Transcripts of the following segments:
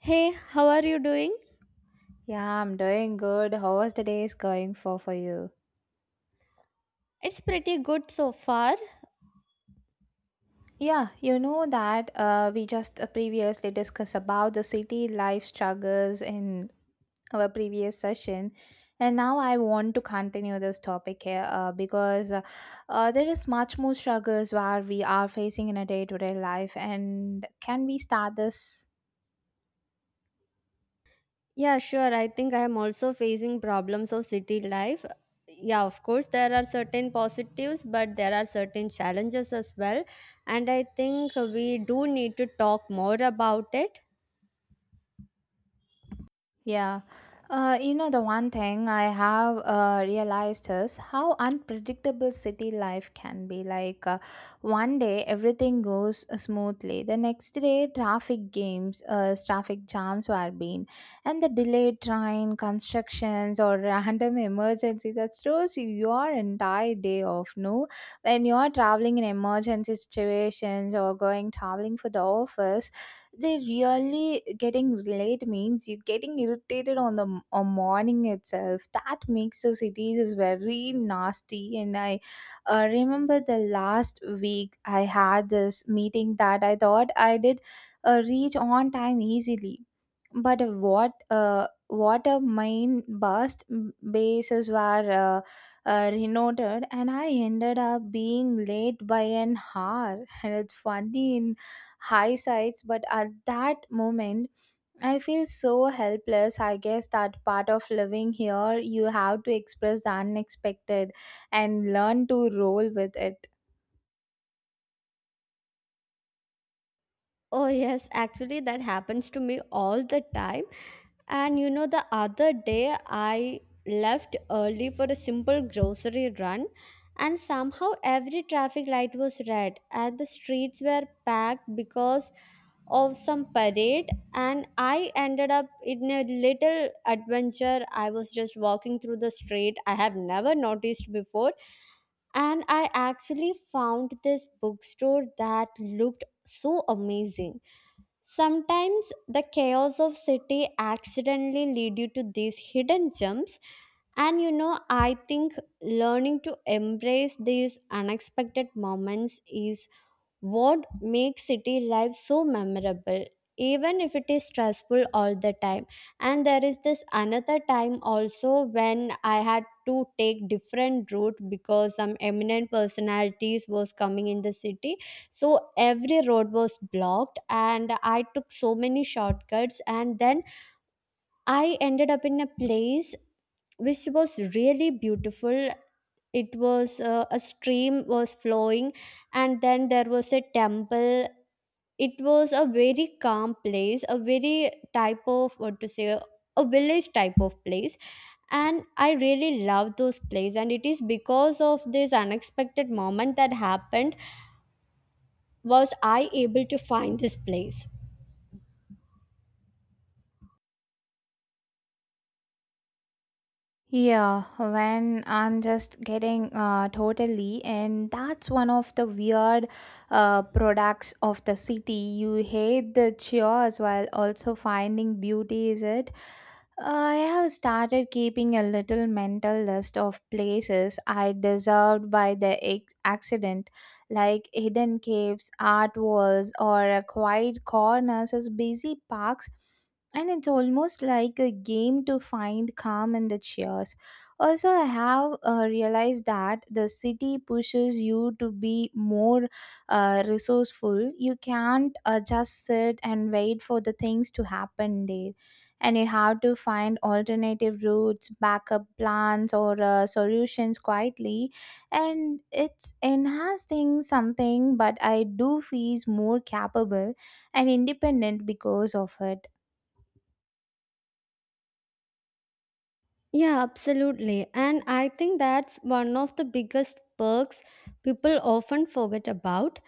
Hey, how are you doing? Yeah, I'm doing good. How was the day is going for you? It's pretty good so far. Yeah, you know that We just previously discussed about the city life struggles in our previous session, and now I want to continue this topic here because there is much more struggles where we are facing in a day to day life. And can we start this? Yeah, sure. I think I am also facing problems of city life. Yeah, of course, there are certain positives, but there are certain challenges as well. And I think we do need to talk more about it. Yeah. The one thing I have realized is how unpredictable city life can be. Like, one day everything goes smoothly, the next day traffic games, traffic jams were being, and the delayed train, constructions, or random emergencies that throws you your entire day off. No, when you're traveling in emergency situations or going traveling for the office, they really getting late means you getting irritated on the on morning itself that makes the cities is very nasty. And I remember the last week I had this meeting that I thought I did reach on time easily, but what a mine bust bases were renoted and I ended up being late by an hour. And it's funny in hindsight, but at that moment I feel so helpless. I guess that part of living here, you have to express the unexpected and learn to roll with it. Oh, yes, actually, that happens to me all the time. And you know, the other day I left early for a simple grocery run, and somehow every traffic light was red, and the streets were packed because of some parade. And I ended up in a little adventure. I was just walking through the street I have never noticed before, and I actually found this bookstore that looked so amazing. Sometimes the chaos of city accidentally lead you to these hidden gems, and you know, I think learning to embrace these unexpected moments is what makes city life so memorable. Even if it is stressful all the time. And there is this another time also when I had to take different route because some eminent personalities was coming in the city. So every road was blocked and I took so many shortcuts, and then I ended up in a place which was really beautiful. It was a stream was flowing, and then there was a temple. It was a very calm place, a very type of what to say, a village type of place. And I really love those plays, and it is because of this unexpected moment that happened was I able to find this place. Yeah, when I'm just getting totally, and that's one of the weird products of the city. You hate the chores while also finding beauty, is it? I have started keeping a little mental list of places I deserved by the accident, like hidden caves, art walls, or quiet corners as busy parks, and it's almost like a game to find calm in the cheers. Also, I have realized that the city pushes you to be more resourceful. You can't just sit and wait for the things to happen there, and you have to find alternative routes, backup plans, or solutions quietly. And it's enhancing something, but I do feel more capable and independent because of it. Yeah, absolutely. And I think that's one of the biggest perks people often forget about.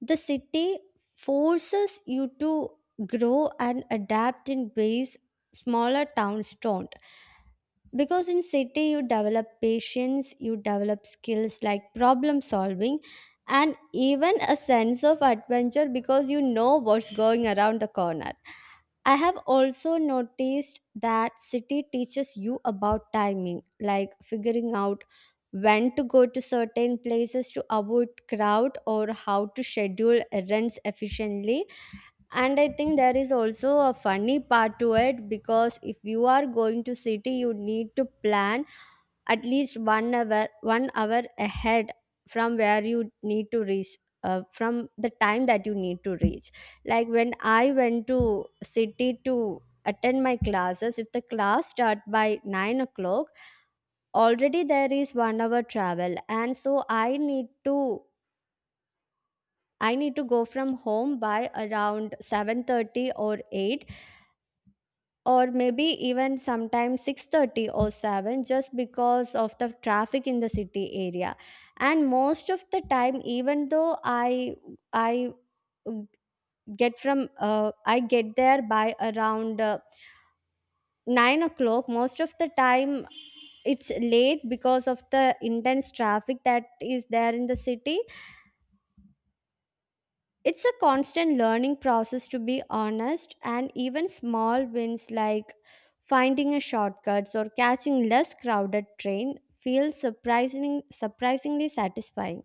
The city forces you to grow and adapt in ways smaller towns don't, because in city you develop patience, you develop skills like problem solving, and even a sense of adventure because you know what's going around the corner. I have also noticed that city teaches you about timing, like figuring out when to go to certain places to avoid crowd or how to schedule errands efficiently. And I think there is also a funny part to it, because if you are going to city you need to plan at least 1 hour ahead from where you need to reach, from the time that you need to reach. Like when I went to city to attend my classes, if the class start by 9 o'clock, already there is 1 hour travel, and so I need to go from home by around 7:30 or 8, or maybe even sometimes 6:30 or 7, just because of the traffic in the city area. And most of the time, even though I get from I get there by around 9 o'clock most of the time. It's late because of the intense traffic that is there in the city. It's a constant learning process, to be honest, and even small wins like finding a shortcut or catching less crowded train feel surprisingly satisfying.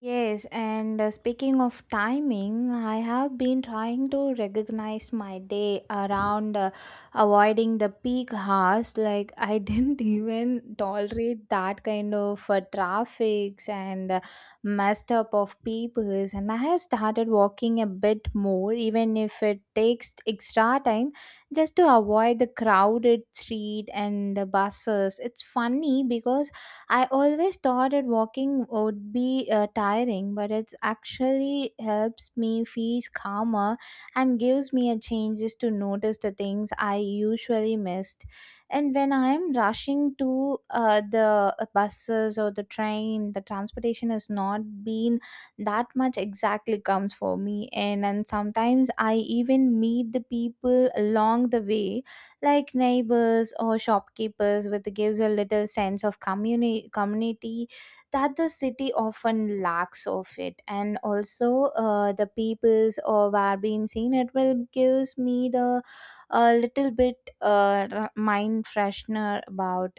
Yes, and speaking of timing, I have been trying to recognize my day around avoiding the peak hours. Like, I didn't even tolerate that kind of traffics and messed up of peoples. And I have started walking a bit more, even if it takes extra time, just to avoid the crowded street and the buses. It's funny because I always thought that walking would be tiring, but it actually helps me feel calmer and gives me a chance just to notice the things I usually missed. And when I'm rushing to the buses or the train, the transportation has not been that much exactly comes for me. And sometimes I even meet the people along the way like neighbors or shopkeepers, which gives a little sense of community that the city often lacks of it. And also, the peoples or where being seen, it will gives me the a little bit mind freshener about.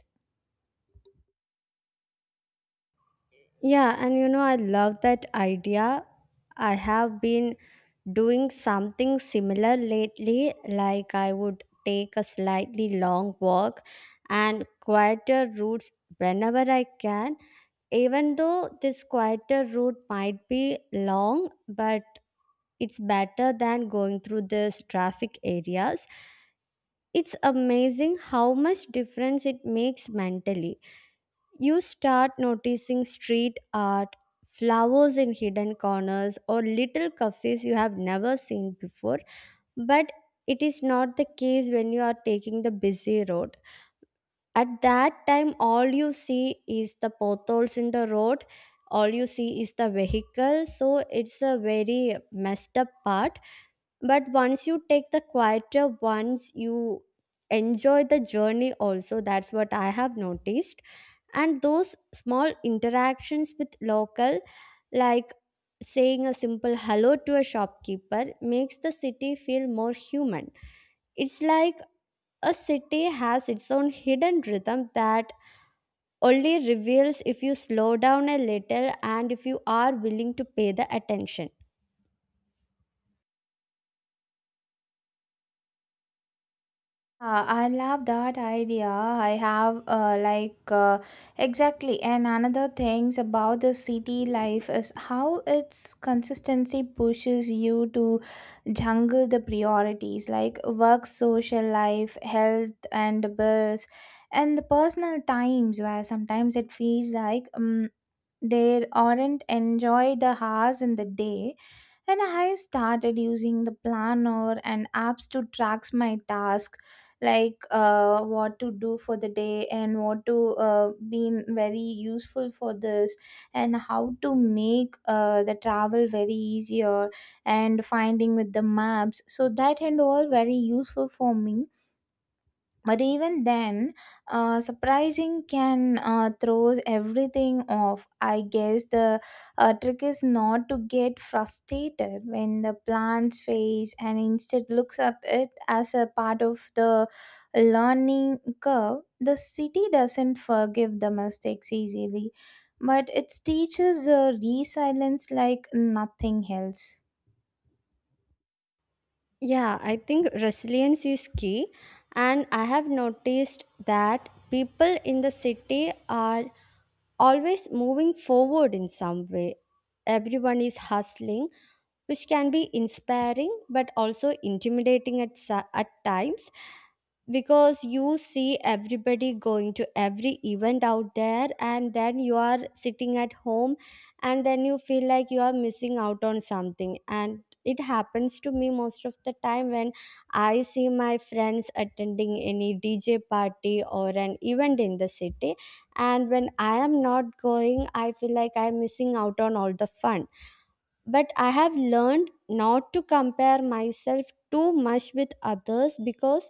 Yeah, and you know, I love that idea. I have been doing something similar lately, like I would take a slightly long walk and quieter routes whenever I can. Even though this quieter route might be long, but it's better than going through these traffic areas. It's amazing how much difference it makes mentally. You start noticing street art, flowers in hidden corners, or little cafes you have never seen before. But it is not the case when you are taking the busy road. At that time, all you see is the potholes in the road, all you see is the vehicle. So it's a very messed up part, but once you take the quieter ones, you enjoy the journey also. That's what I have noticed. And those small interactions with local, like saying a simple hello to a shopkeeper, makes the city feel more human. It's like a city has its own hidden rhythm that only reveals if you slow down a little and if you are willing to pay the attention. I love that idea. I have exactly, and another things about the city life is how its consistency pushes you to jungle the priorities like work, social life, health, and bills, and the personal times where sometimes it feels like they aren't enjoy the hours in the day. And I started using the planner and apps to track my task, like what to do for the day and what to be very useful for this, and how to make the travel very easier and finding with the maps. So that and all very useful for me. But even then, surprising can throws everything off. I guess the trick is not to get frustrated when the plans face and instead looks at it as a part of the learning curve. The city doesn't forgive the mistakes easily, but it teaches the resilience like nothing else. Yeah, I think resilience is key. And I have noticed that people in the city are always moving forward in some way. Everyone is hustling, which can be inspiring but also intimidating at times. Because you see everybody going to every event out there, and then you are sitting at home, and then you feel like you are missing out on something. And it happens to me most of the time when I see my friends attending any dj party or an event in the city, and when I am not going I feel like I am missing out on all the fun. But I have learned not to compare myself too much with others, because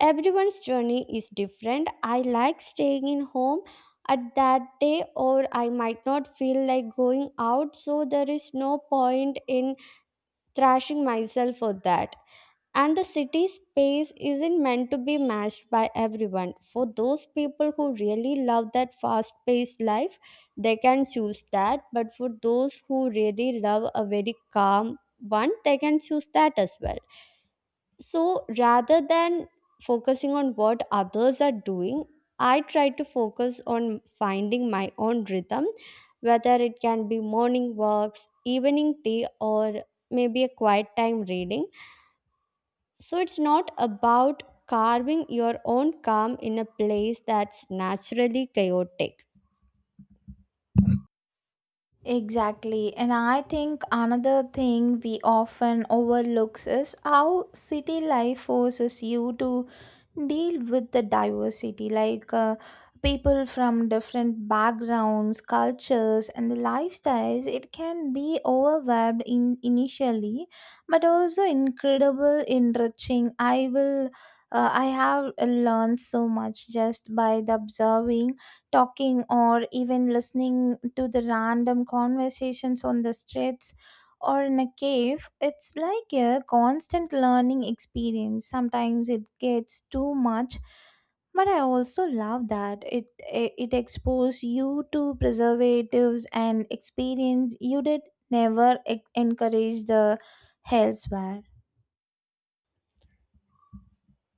everyone's journey is different. I like staying in home at that day, or I might not feel like going out, so there is no point in thrashing myself for that. And the city space isn't meant to be matched by everyone. For those people who really love that fast paced life, they can choose that. But for those who really love a very calm one, they can choose that as well. So rather than focusing on what others are doing, I try to focus on finding my own rhythm, whether it can be morning walks, evening tea, or maybe a quiet time reading. So it's not about carving your own calm in a place that's naturally chaotic. Exactly. And I think another thing we often overlooks is how city life forces you to deal with the diversity, like people from different backgrounds, cultures, and the lifestyles. It can be overwhelmed in initially, but also incredible, enriching. I will. I have learned so much just by the observing, talking, or even listening to the random conversations on the streets or in a cave. It's like a constant learning experience. Sometimes it gets too much, but I also love that it exposes you to preservatives and experience you did never encourage the elsewhere.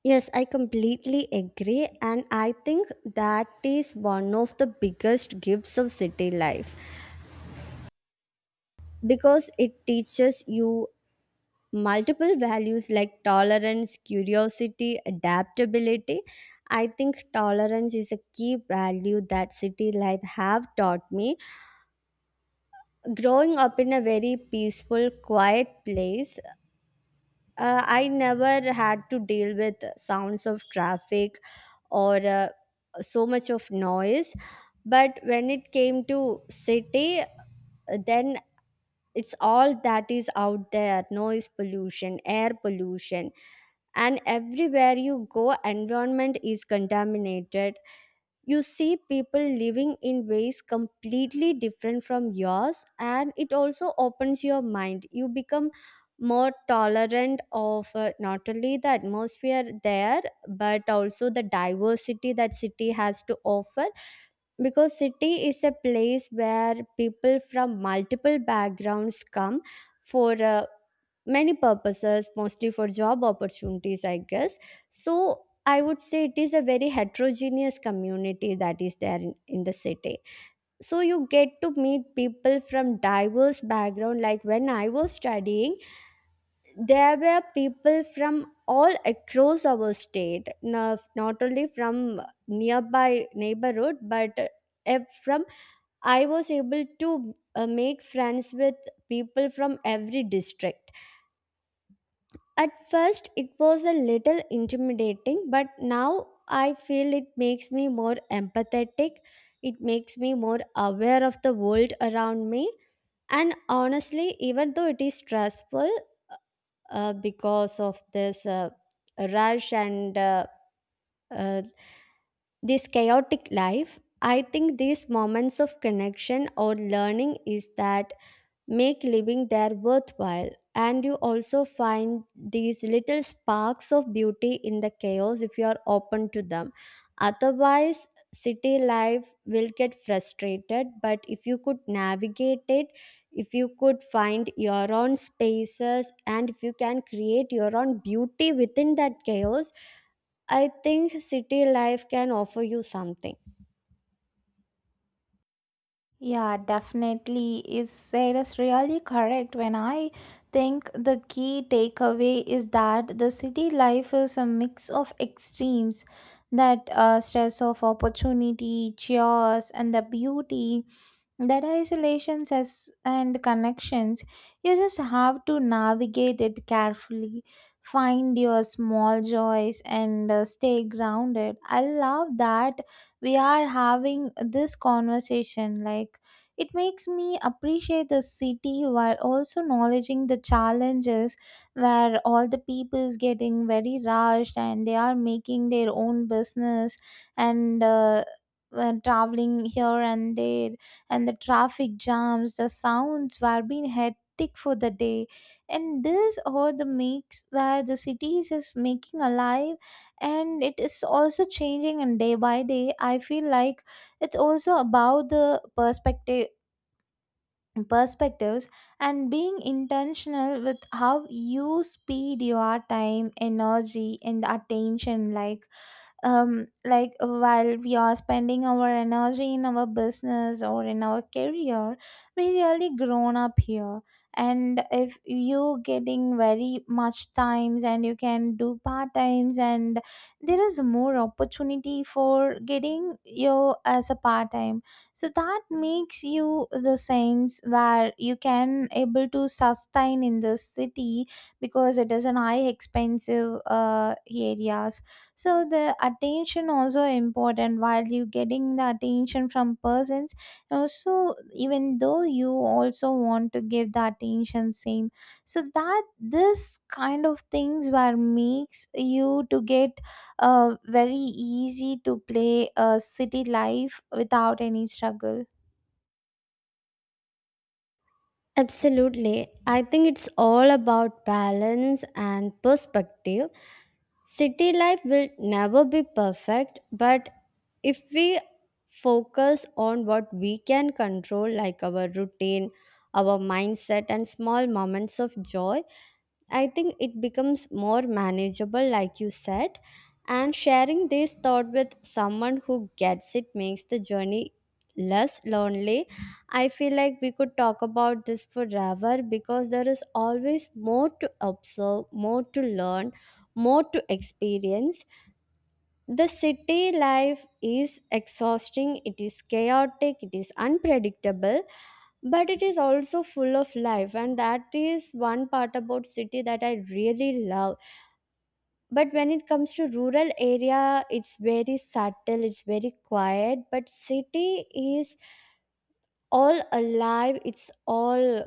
Yes, I completely agree, and I think that is one of the biggest gifts of city life, because it teaches you multiple values like tolerance, curiosity, adaptability. I think tolerance is a key value that city life have taught me. Growing up in a very peaceful, quiet place, I never had to deal with sounds of traffic or so much of noise. But when it came to city, then it's all that is out there. Noise pollution, air pollution, and everywhere you go environment is contaminated. You see people living in ways completely different from yours, and it also opens your mind. You become more tolerant of not only the atmosphere there, but also the diversity that city has to offer. Because city is a place where people from multiple backgrounds come for many purposes, mostly for job opportunities I guess. So I would say it is a very heterogeneous community that is there in the city. So you get to meet people from diverse background. Like when I was studying, there were people from all across our state, not only from nearby neighborhood, but from I was able to make friends with people from every district. At first, it was a little intimidating, but now I feel it makes me more empathetic. It makes me more aware of the world around me. And honestly, even though it is stressful because of this rush and uh, this chaotic life, I think these moments of connection or learning is that make living there worthwhile. And you also find these little sparks of beauty in the chaos if you are open to them. Otherwise, city life will get frustrated. But if you could navigate it, if you could find your own spaces, and if you can create your own beauty within that chaos, I think city life can offer you something. Yeah, definitely is said is really correct. When I think the key takeaway is that the city life is a mix of extremes, that stress of opportunity, chaos, and the beauty, that isolations as and connections. You just have to navigate it carefully, find your small joys, and stay grounded. I love that we are having this conversation, like it makes me appreciate the city while also acknowledging the challenges where all the people is getting very rushed and they are making their own business and traveling here and there, and the traffic jams, the sounds were being hectic for the day. And this all the makes where the cities is making alive, and it is also changing and day by day. I feel like it's also about the perspectives and being intentional with how you speed your time, energy, and attention. Like, like while we are spending our energy in our business or in our career, we really grown up here. And if you getting very much times and you can do part times, and there is more opportunity for getting you as a part time, so that makes you the sense where you can able to sustain in this city because it is an high expensive area. So the attention also important while you getting the attention from persons, also even though you also want to give the attention same. So that this kind of things were makes you to get very easy to play a city life without any struggle. Absolutely. I think it's all about balance and perspective. City life will never be perfect, but if we focus on what we can control, like our routine, our mindset, and small moments of joy, I think it becomes more manageable, like you said. And sharing this thought with someone who gets it makes the journey less lonely. I feel like we could talk about this forever, because there is always more to observe, more to learn, more to experience. The city life is exhausting, it is chaotic, it is unpredictable, but it is also full of life, and that is one part about city that I really love. But when it comes to rural area, it's very subtle, it's very quiet, but city is all alive, it's all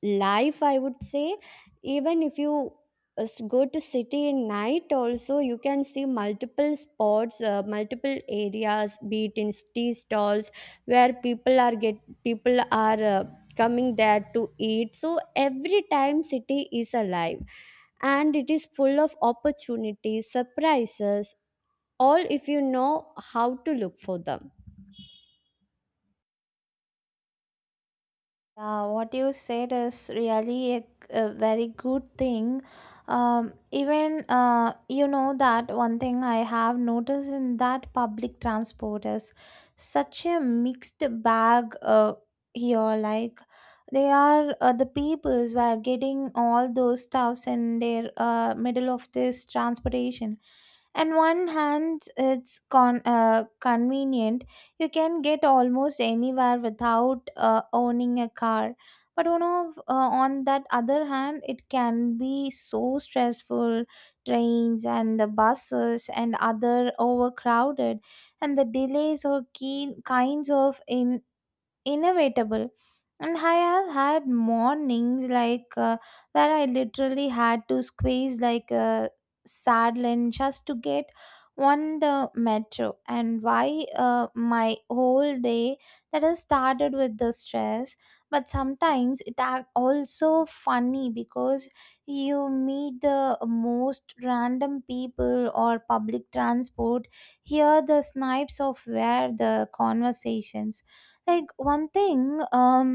life I would say. Even if you go to city in night also, you can see multiple spots, multiple areas, be it in tea stalls where people are coming there to eat. So every time city is alive, and it is full of opportunities, surprises, all if you know how to look for them. Yeah, what you said is really a very good thing. Even you know that one thing I have noticed in that public transport is such a mixed bag here. Like, they are the peoples were getting all those stuffs in their middle of this transportation. And one hand, it's convenient, you can get almost anywhere without owning a car. But you know, on that other hand, it can be so stressful. Trains and the buses and other overcrowded, and the delays or keen kinds of in inevitable. And I have had mornings like where I literally had to squeeze like a sardine just to get on the metro. And why my whole day that has started with the stress. But sometimes it are also funny because you meet the most random people or public transport, hear the snipes of where the conversations. Like one thing, um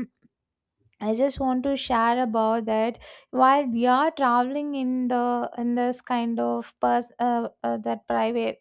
I just want to share about that. While we are traveling in the in this kind of that private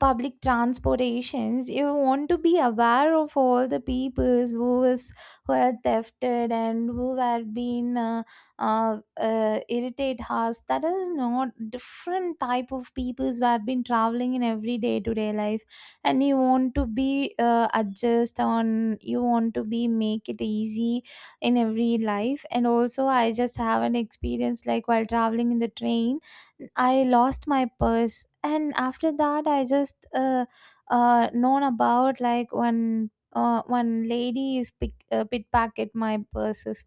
public transportations, you want to be aware of all the peoples who are thefted and who were being irritate us. That is not different type of peoples who have been traveling in every day to day life, and you want to be adjust on, you want to be make it easy in every life. And also, I just have an experience like while traveling in the train, I lost my purse, and after that, I just known about like one lady is pickpocket my purses.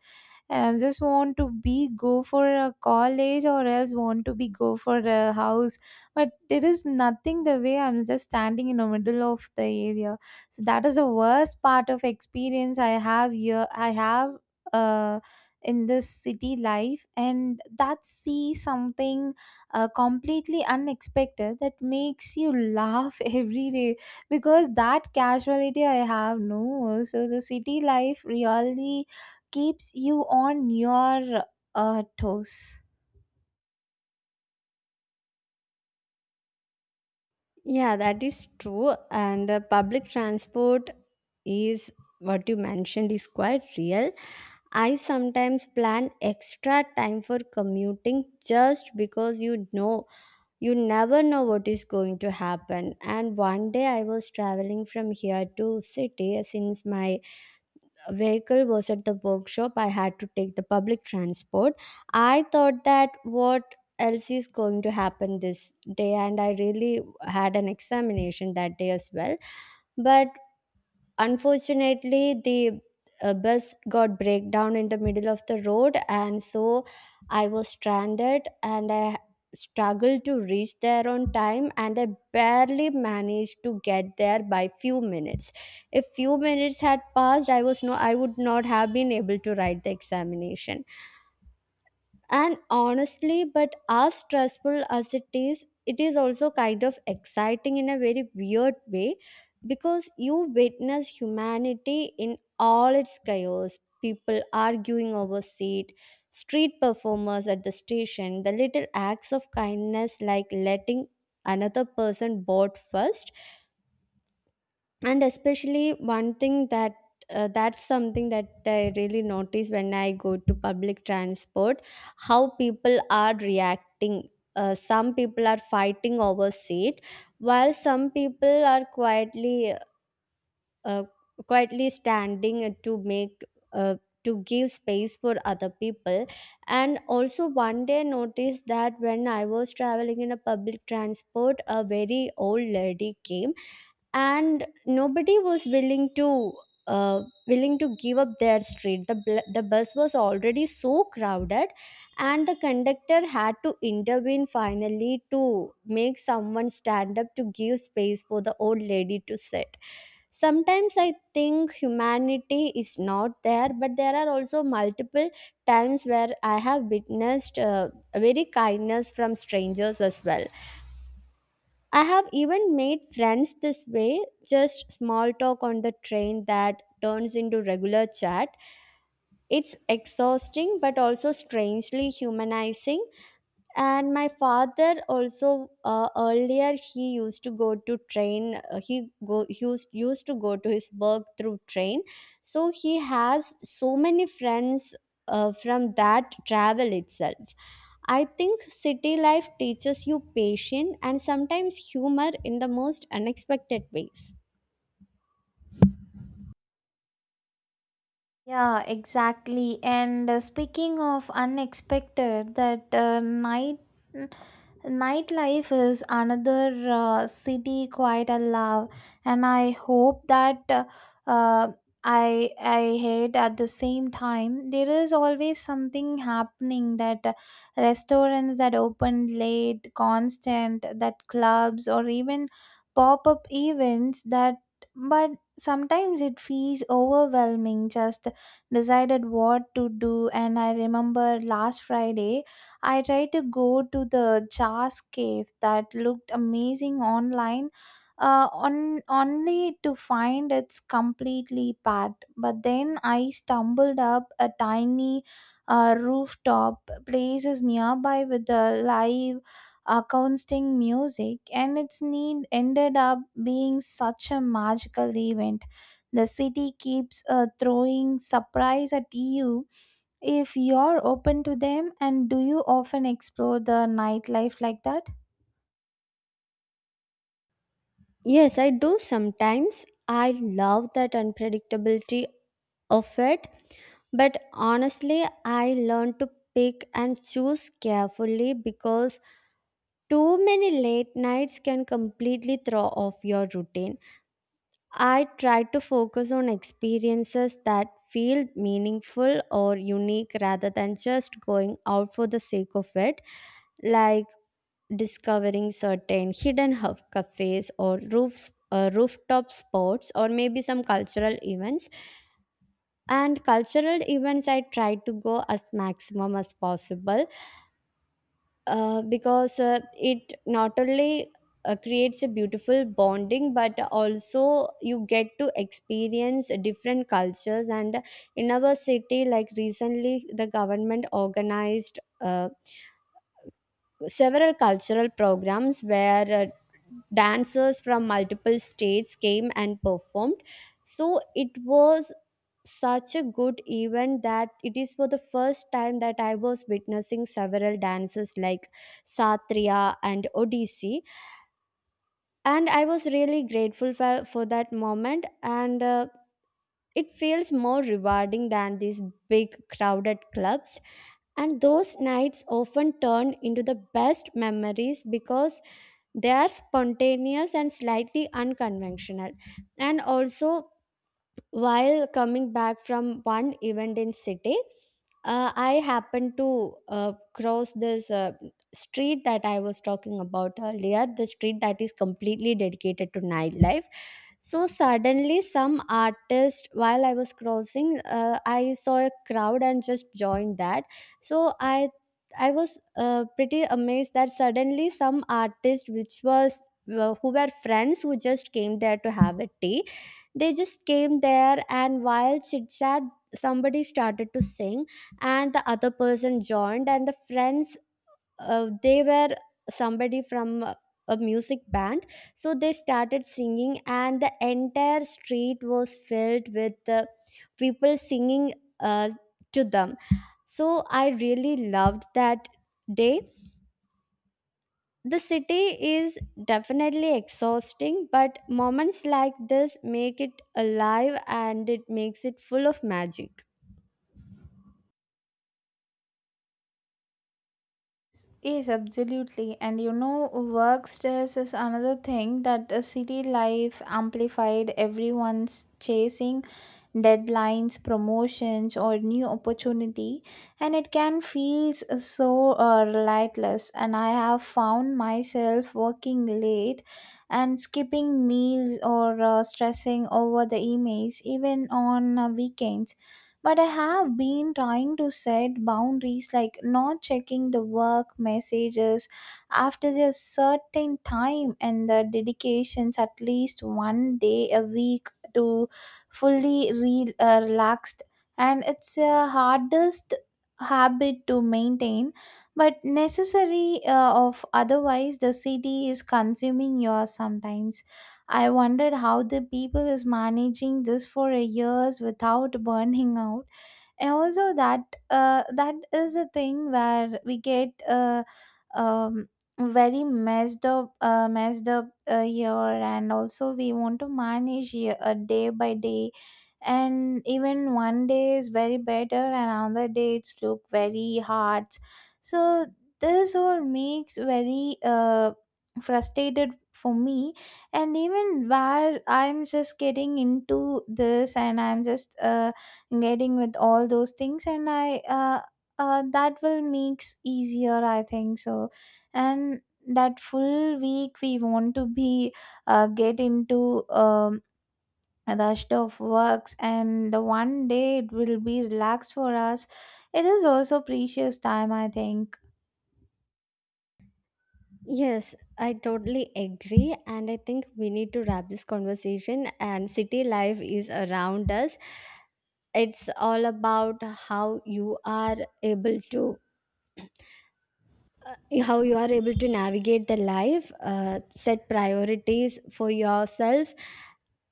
Just want to be go for a college or else want to be go for a house, but there is nothing. The way I'm just standing in the middle of the area, so that is the worst part of experience I have here. I have uh in this city life, and that see something completely unexpected that makes you laugh every day. Because that casuality I have no, so the city life really keeps you on your toes. Yeah, that is true. And public transport is what you mentioned is quite real. I sometimes plan extra time for commuting just because you know you never know what is going to happen. And one day I was traveling from here to city since my vehicle was at the workshop. I had to take the public transport. I thought that what else is going to happen this day, and I really had an examination that day as well. But unfortunately the bus got breakdown in the middle of the road, and so I was stranded, and I struggled to reach there on time, and I barely managed to get there by few minutes. If few minutes had passed, I was no I would not have been able to write the examination. And honestly, but as stressful as it is also kind of exciting in a very weird way because you witness humanity in all its chaos. People arguing over seat, street performers at the station, the little acts of kindness like letting another person board first, and especially one thing that's something that I really notice when I go to public transport, how people are reacting. Some people are fighting over seat while some people are quietly uh, quietly standing to make uh, to give space for other people. And also one day noticed that when I was traveling in a public transport, a very old lady came and nobody was willing to uh, give up their street. The bus was already so crowded, and the conductor had to intervene finally to make someone stand up to give space for the old lady to sit. Sometimes I think humanity is not there, but there are also multiple times where I have witnessed very kindness from strangers as well. I have even made friends this way, just small talk on the train that turns into regular chat. It's exhausting but also strangely humanizing. And my father also, earlier he used to go to train, he used to go to his work through train, so he has so many friends from that travel itself. I think city life teaches you patience and sometimes humor in the most unexpected ways. Yeah, exactly. And speaking of unexpected, that Nightlife is another city quite a love, and I hope that uh, I hate at the same time. There is always something happening, that restaurants that open late, constant, that clubs, or even pop up events that, but sometimes it feels overwhelming. Just decided what to do, and I remember last Friday. I tried to go to the Jars Cave that looked amazing online, on only to find it's completely packed. But then I stumbled up a tiny rooftop places nearby with the live acoustic music, and its need ended up being such a magical event. The city keeps throwing surprise at you if you're open to them. And do you often explore the nightlife like that? Yes, I do sometimes. I love that unpredictability of it. But honestly, I learn to pick and choose carefully because too many late nights can completely throw off your routine. I try to focus on experiences that feel meaningful or unique rather than just going out for the sake of it. Like discovering certain hidden hub cafes or roofs rooftop spots, or maybe some cultural events. And cultural events I try to go as maximum as possible, because it not only creates a beautiful bonding, but also you get to experience different cultures. And in our city, like recently the government organized several cultural programs where dancers from multiple states came and performed. So it was such a good event that it is for the first time that I was witnessing several dances like Satriya and Odissi. And I was really grateful for that moment. And it feels more rewarding than these big crowded clubs, and those nights often turn into the best memories because they are spontaneous and slightly unconventional. And also, while coming back from one event in city, I happened to cross this street that I was talking about earlier, the street that is completely dedicated to nightlife. So suddenly, some artist, while I was crossing, I saw a crowd and just joined that. So I was pretty amazed that suddenly some artist, which was who were friends who just came there to have a tea. They just came there, and while chit chat, somebody started to sing and the other person joined. And the friends, they were somebody from a music band, so they started singing and the entire street was filled with people singing uh, to them. So I really loved that day. The city is definitely exhausting, but moments like this make it alive and it makes it full of magic. Yes, absolutely. And you know, work stress is another thing that the city life amplified. Everyone's chasing deadlines, promotions, or new opportunity, and it can feel so relentless. And I have found myself working late and skipping meals or stressing over the emails, even on weekends. But I have been trying to set boundaries, like not checking the work messages after a certain time and the dedications at least one day a week to fully relaxed. And it's a hardest habit to maintain, but necessary of otherwise the city is consuming yours. Sometimes I wondered how the people is managing this for a years without burning out. And also that that is a thing where we get um, very messed up, year, and also we want to manage year, day by day. And even one day is very better and another day it's look very hard. So this all makes very frustrated for me. And even where I'm just getting into this, and I'm just getting with all those things, and I that will makes easier, I think so. And that full week we want to be get into rushed of works, and the one day it will be relaxed for us. It is also precious time, I think. Yes, I totally agree. And I think we need to wrap this conversation. And city life is around us. It's all about how you are able to navigate the life, set priorities for yourself,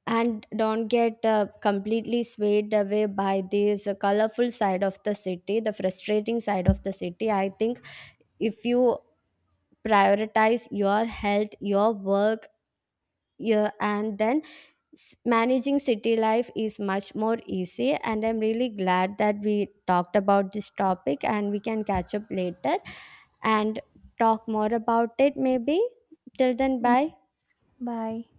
and don't get completely swayed away by this colorful side of the city, the frustrating side of the city. I think if you prioritize your health, your work, yeah, and then managing city life is much more easy. And I'm really glad that we talked about this topic, and we can catch up later and talk more about it maybe. Till then, Yeah. bye. Bye.